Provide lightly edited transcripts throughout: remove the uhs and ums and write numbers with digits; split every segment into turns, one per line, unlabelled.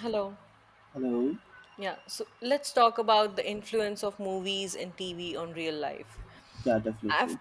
Hello.
Hello.
Yeah. So let's talk about the influence of movies and TV on real life.
Yeah,
I've,
definitely.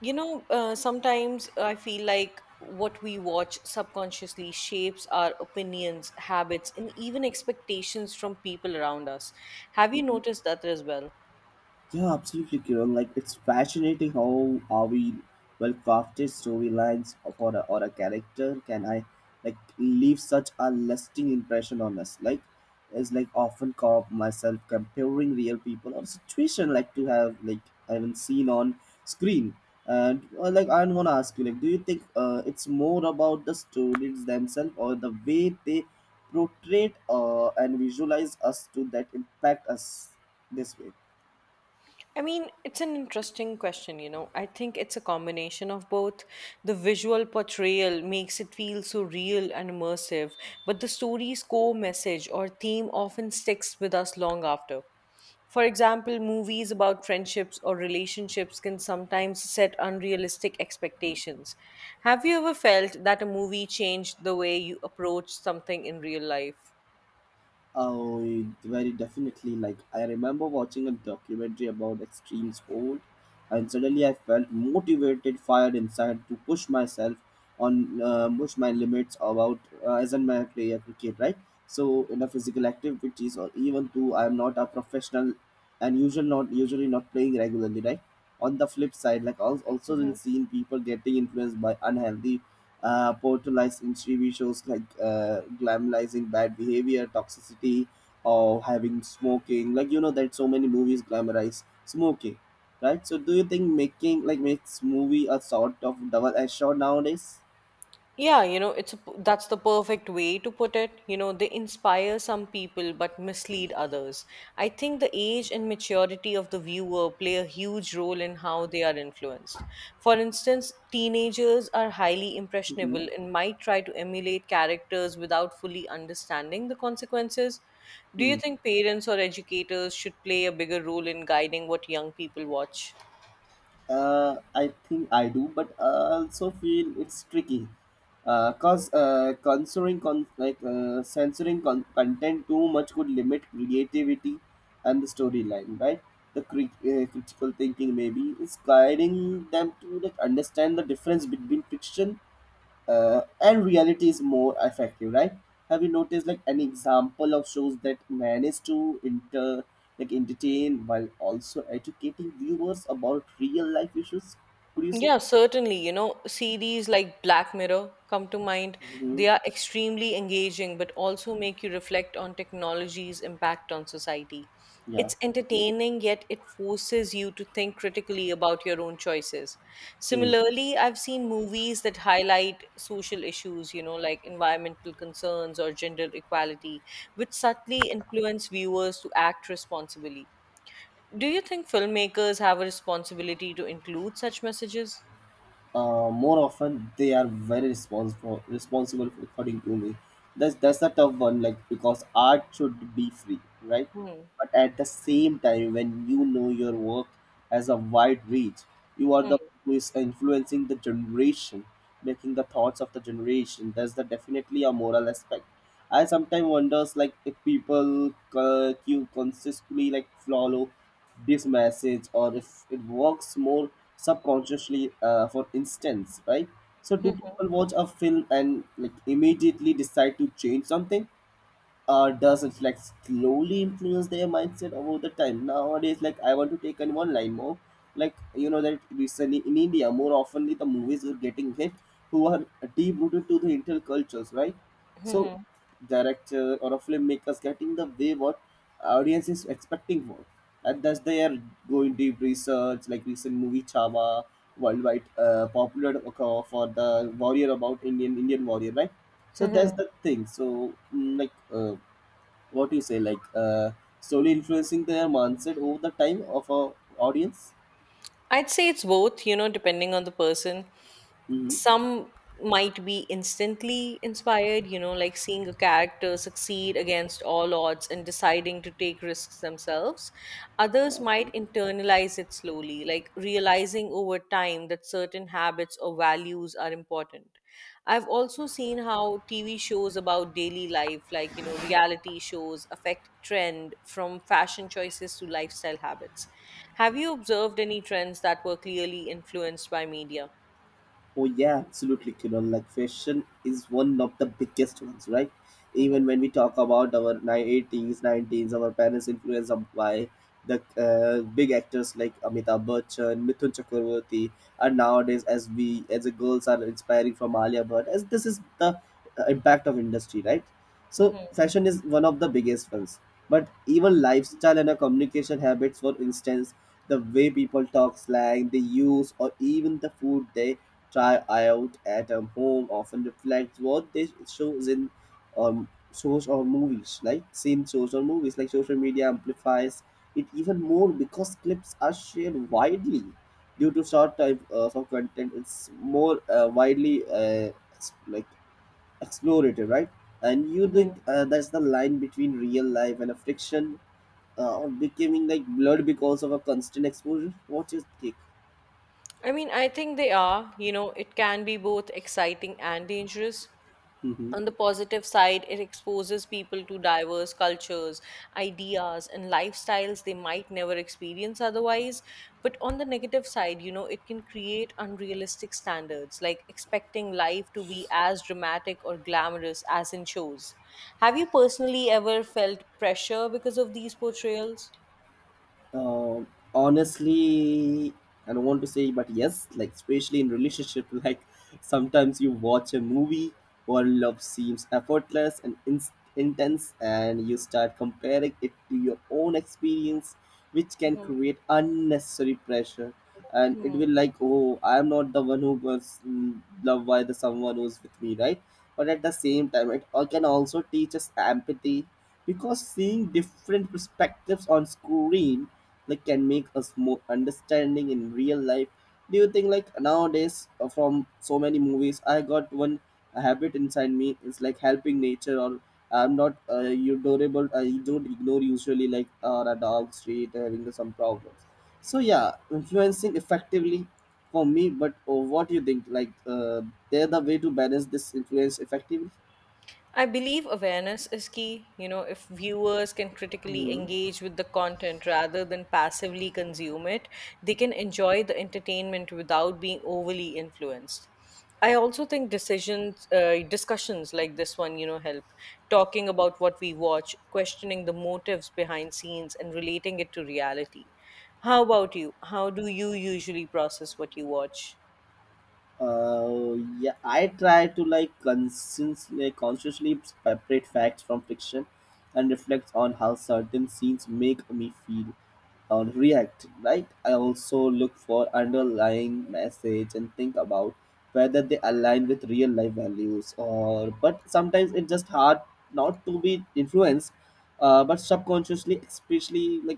Sometimes I feel like what we watch subconsciously shapes our opinions, habits, and even expectations from people around us. Have you
Mhm.
noticed that as well?
Yeah, absolutely, Kiran. Like it's fascinating how are we well crafted storylines for a, or a character can I like leave such a lasting impression on us. Like it's like often caught myself comparing real people or situation like to have like I haven't seen on screen. And like I wanna ask you, like, do you think it's more about the stories themselves or the way they portray and visualize us to that impact us this way?
I mean, it's an interesting question, you know. I think it's a combination of both. The visual portrayal makes it feel so real and immersive, but the story's core message or theme often sticks with us long after. For example, movies about friendships or relationships can sometimes set unrealistic expectations. Have you ever felt that a movie changed the way you approach something in real life?
Oh, it very definitely. Like I remember watching a documentary about extreme sport, and suddenly I felt motivated, fired inside to push myself on push my limits about as in my play cricket, right? So in a physical activities or even though I am not a professional and usually not playing regularly, right? On the flip side, like I also also seen people getting influenced by unhealthy portrayed in TV shows like glamorizing bad behavior, toxicity, or having smoking. Like you know that so many movies glamorize smoking, right? So do you think making like makes movie a sort of double edged sword nowadays?
Yeah, you know, that's the perfect way to put it. You know, they inspire some people but mislead others. I think the age and maturity of the viewer play a huge role in how they are influenced. For instance, teenagers are highly
Mm-hmm.
impressionable and might try to emulate characters without fully understanding the consequences. Do you think parents or educators should play a bigger role in guiding what young people watch?
I think I do, but I also feel it's tricky. Cause censoring content too much could limit creativity and the storyline, right? The critical thinking maybe is guiding them to like understand the difference between fiction and reality is more effective, right? Have you noticed like an example of shows that manage to inter like entertain while also educating viewers about real life issues, could you say?
Yeah, certainly. You know, series like Black Mirror come to mind.
Hmm.
They are extremely engaging, but also make you reflect on technology's impact on society.
Yeah,
It's
definitely.
entertaining, yet it forces you to think critically about your own choices.
Hmm.
Similarly, I've seen movies that highlight social issues, you know, like environmental concerns or gender equality, which subtly influence viewers to act responsibly. Do you think filmmakers have a responsibility to include such messages?
More often they are very responsible for according to me, that's a tough one like because art should be free, right?
Hmm.
But at the same time, when you know your work has a wide reach, you are the
Hmm.
who is influencing the generation, making the thoughts of the generation, that's the definitely a moral aspect. I sometimes wonders like if people you consistently like follow this message or if it works more subconsciously, for instance, right? So do
Mhm.
people watch a film and like immediately decide to change something, does it like slowly influence their mindset over the time nowadays? Like I want to take an one line more. Like you know that recently in India, more oftenly the movies are getting hit who are deep rooted to the intel cultures, right? So
Mhm.
director or a filmmakers getting the way what audience is expecting for, and thus they are going deep research, like recent movie Chava, worldwide popular for the warrior about Indian Indian warrior, right? So that's
Mhm.
the thing. So what do you say like slowly influencing their mindset over the time of our audience?
I'd say it's both, you know, depending on the person.
Mm-hmm.
Some might be instantly inspired, you know, like seeing a character succeed against all odds and deciding to take risks themselves. Others
Okay.
might internalize it slowly, like realizing over time that certain habits or values are important. I've also seen how TV shows about daily life, like, you know, reality shows, affect trend from fashion choices to lifestyle habits. Have you observed any trends that were clearly influenced by media?
Oh yeah, absolutely, Kiran. Like fashion is one of the biggest ones, right?
Mhm.
Even when we talk about our 1980s, 90s, our parents influenced by the big actors like Amitabh Bachchan, Mithun Chakraborty, and nowadays as we as the girls are inspiring from Alia Bhatt, as this is the impact of industry, right? So fashion is one of the biggest ones. But even lifestyle and our communication habits, for instance, the way people talk slang, they use, or even the food they try out at home often reflects what they shows in um, shows or movies, like seen shows or movies, like social media amplifies it even more because clips are shared widely due to short type of content. It's more widely explorative, right? And you
Mhm.
think that's the line between real life and a fiction or becoming like blurred because of a constant exposure? What's your take?
I mean, I think they are. You know, it can be both exciting and dangerous.
Hmm.
On the positive side, it exposes people to diverse cultures, ideas, and lifestyles they might never experience otherwise. But on the negative side, you know, it can create unrealistic standards, like expecting life to be as dramatic or glamorous as in shows. Have you personally ever felt pressure because of these portrayals?
Um, Honestly, I don't want to say, but yes, like especially in relationship, like sometimes you watch a movie where love seems effortless and intense, and you start comparing it to your own experience, which can create unnecessary pressure. And it
Mhm.
will like, oh, I'm not the one who was mm, loved by the someone who's with me, right? But at the same time, can also teach us empathy because seeing different perspectives on screen like can make us more understanding in real life. Do you think like nowadays, from so many movies I got one habit inside me, it's like helping nature, or I'm not you adorable, I don't ignore usually like a dog street having some problems. So yeah, influencing effectively for me. But uh, what do you think like they're the way to balance this influence effectively?
I believe awareness is key. You know, if viewers can critically
Hmm.
engage with the content rather than passively consume it, they can enjoy the entertainment without being overly influenced. I also think discussions like this one, you know, help. Talking about what we watch, questioning the motives behind scenes, and relating it to reality. How about you? How do you usually process what you watch?
Yeah, I try to like consciously separate facts from fiction and reflect on how certain scenes make me feel or react, right? I also look for underlying message and think about whether they align with real life values or but sometimes it's just hard not to be influenced but subconsciously, especially like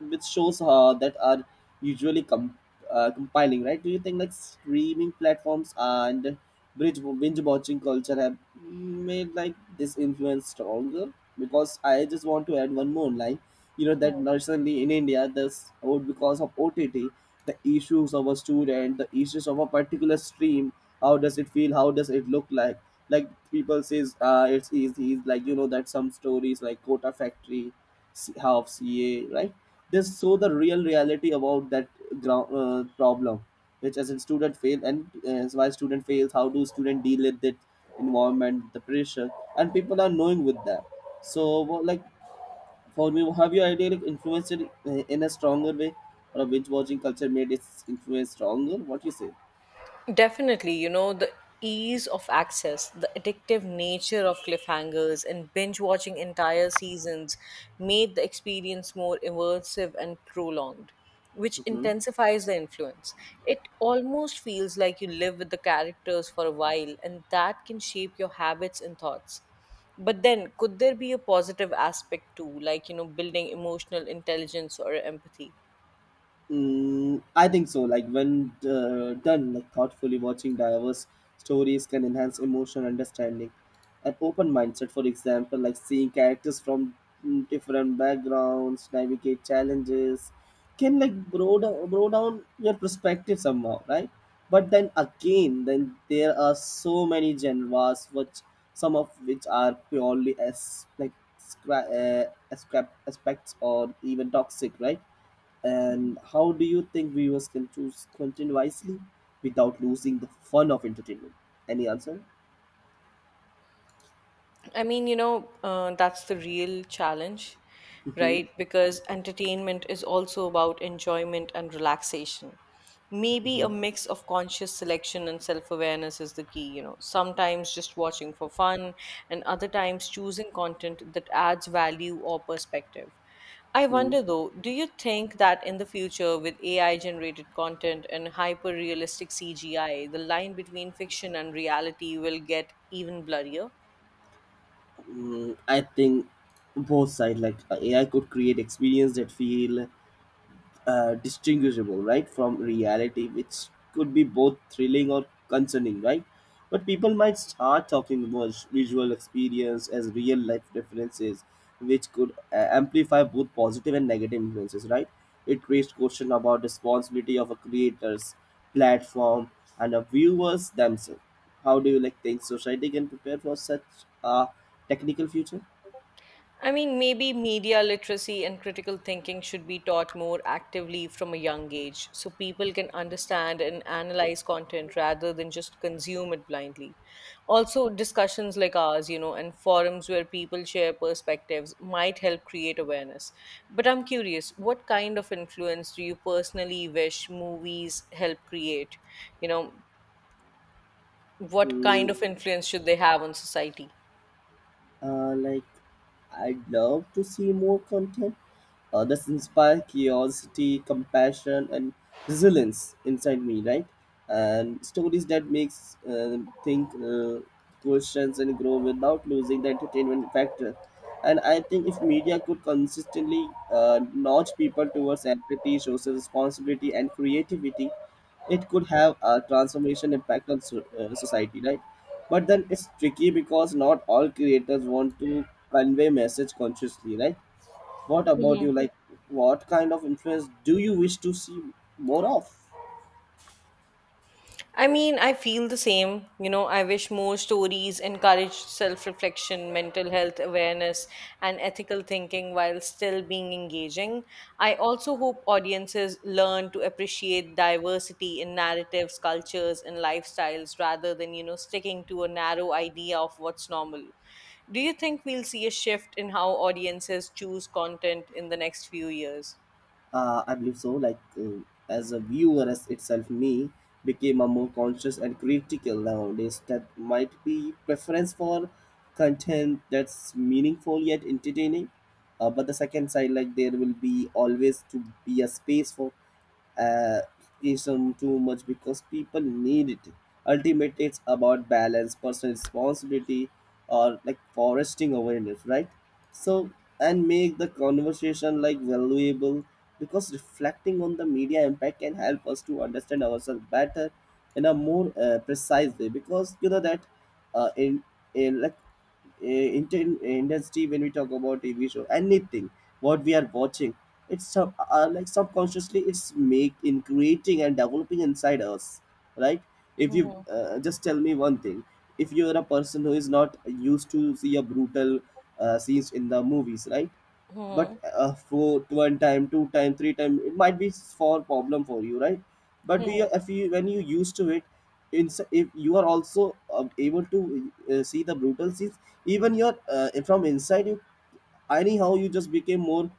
which shows that are usually compiling, right? Do you think like streaming platforms and bridge binge watching culture have made like this influence stronger? Because I just want to add one more line. You know that recently in India, this oh, because of OTT, the issues of a student, the issues of a particular stream, how does it feel? How does it look like? Like people says, it's easy. Like you know that some stories like Kota Factory, half CA, right? They show the real reality about that ground problem, which as in student fail and why student fails, how do student deal with that environment, the pressure, and people are knowing with that. So well, like for me, have you idea like influenced it in a stronger way, or a binge watching culture made its influence stronger, what you say?
Definitely, you know, the ease of access, the addictive nature of cliffhangers, and binge watching entire seasons made the experience more immersive and prolonged, which
Mhm.
intensifies the influence. It almost feels like you live with the characters for a while, and that can shape your habits and thoughts. But then, could there be a positive aspect too, like, you know, building emotional intelligence or empathy?
Mm, I think so. Like when done like thoughtfully, watching diverse stories can enhance emotional understanding. An open mindset, for example, like seeing characters from mm, different backgrounds navigate challenges, can like broad down your perspective somehow, right? But then again, then there are so many genres, which some of which are purely as like aspects or even toxic, right? And how do you think viewers can choose content wisely without losing the fun of entertainment? Any answer?
I mean, that's the real challenge,
Hmm.
right? Because entertainment is also about enjoyment and relaxation. Maybe a
Hmm.
mix of conscious selection and self awareness is the key, you know, sometimes just watching for fun, and other times choosing content that adds value or perspective. I
Hmm.
wonder though, do you think that in the future, with AI generated content and hyper realistic CGI, the line between fiction and reality will get even blurrier?
Mm, I think both side like AI could create experience that feel distinguishable right from reality, which could be both thrilling or concerning, right? But people might start talking about visual experience as real life differences, which could amplify both positive and negative influences, right? It raised question about responsibility of a creators, platform, and of viewers themselves. How do you like think society can prepare for such a technical future?
I mean, maybe media literacy and critical thinking should be taught more actively from a young age so people can understand and analyze content rather than just consume it blindly. Also, discussions like ours, you know, and forums where people share perspectives might help create awareness. But I'm curious, what kind of influence do you personally wish movies help create? You know, what kind
Hmm.
of influence should they have on society?
Uh, like, I'd love to see more content that inspire curiosity, compassion, and resilience inside me, right? And stories that makes think, questions, and grow without losing the entertainment factor. And I think if media could consistently nudge people towards empathy, social responsibility, and creativity, it could have a transformation impact on society, right? But then it's tricky because not all creators want to convey message consciously, right? What about you? Like, what kind of influence do you wish to see more of?
I mean, I feel the same. You know, I wish more stories encourage self reflection, mental health awareness, and ethical thinking while still being engaging. I also hope audiences learn to appreciate diversity in narratives, cultures, and lifestyles rather than, you know, sticking to a narrow idea of what's normal. Do you think we'll see a shift in how audiences choose content in the next few years?
I believe so. Like as a viewer as itself, me became a more conscious and critical nowadays. That might be preference for content that's meaningful yet entertaining. But the second side, like there will be always to be a space for uh, isn't too much because people need it. Ultimately, it's about balance, personal responsibility, or like foresting awareness, right? So, and make the conversation like valuable because reflecting on the media impact can help us to understand ourselves better in a more precise way, because you know that uh, in, in like industry when we talk about tv show anything what we are watching, it's sub, like subconsciously it's make in creating and developing inside us, right? If you
Mhm.
just tell me one thing, if you're a person who is not used to see a brutal scenes in the movies, right? But
Mhm.
for 1 time, 2 time, 3 time it might be for problem for you, right? But we if you when you used to it in, if you are also able to see the brutal scenes, even your from inside you, anyhow you just became more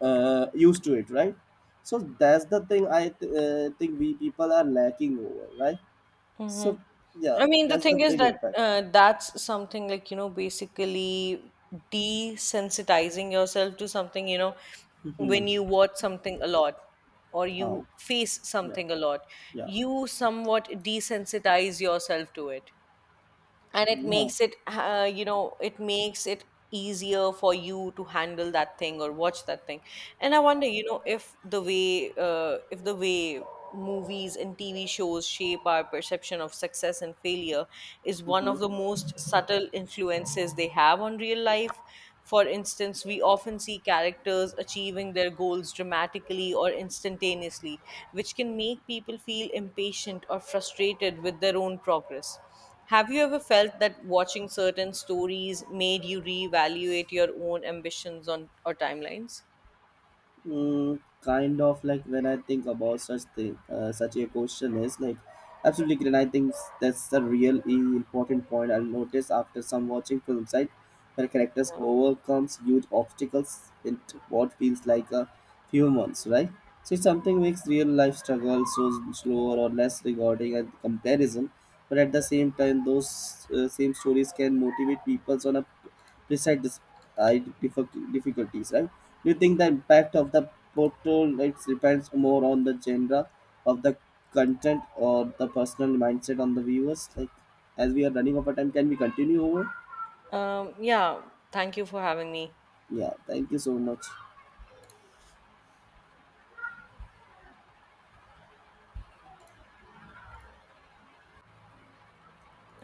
used to it, right? So that's the thing, I think we people are lacking over, right? So
Mm-hmm.
yeah,
I mean, the
that's the
thing is
big
that
impact.
that's something like, you know, basically desensitizing yourself to something, you know,
Mhm.
when you watch something a lot or
How?
you face
Yeah.
something a lot,
Yeah.
you somewhat desensitize yourself to it and it
Yeah.
makes it you know it makes it easier for you to handle that thing or watch that thing. And I wonder, you know, if the way movies and TV shows shape our perception of success and failure is one
Hmm.
of the most subtle influences they have on real life. For instance, we often see characters achieving their goals dramatically or instantaneously, which can make people feel impatient or frustrated with their own progress. Have you ever felt that watching certain stories made you reevaluate your own ambitions on or timelines?
Mm, kind of like when I think about such thing, such a question is like absolutely great. And I think that's the real important point I'll notice after some watching films, right? Where characters overcomes huge obstacles what feels like a few months, right? So it's something makes real life struggle so slower or less rewarding and comparison, but at the same time, those same stories can motivate people on a precise uh, difficulties, right? Do you think the impact of the portal rights depends more on the genre of the content or the personal mindset on the viewers? Like, as we are running over time, can we continue over?
Yeah. Yeah, thank you for having me.
Yeah, thank you so much.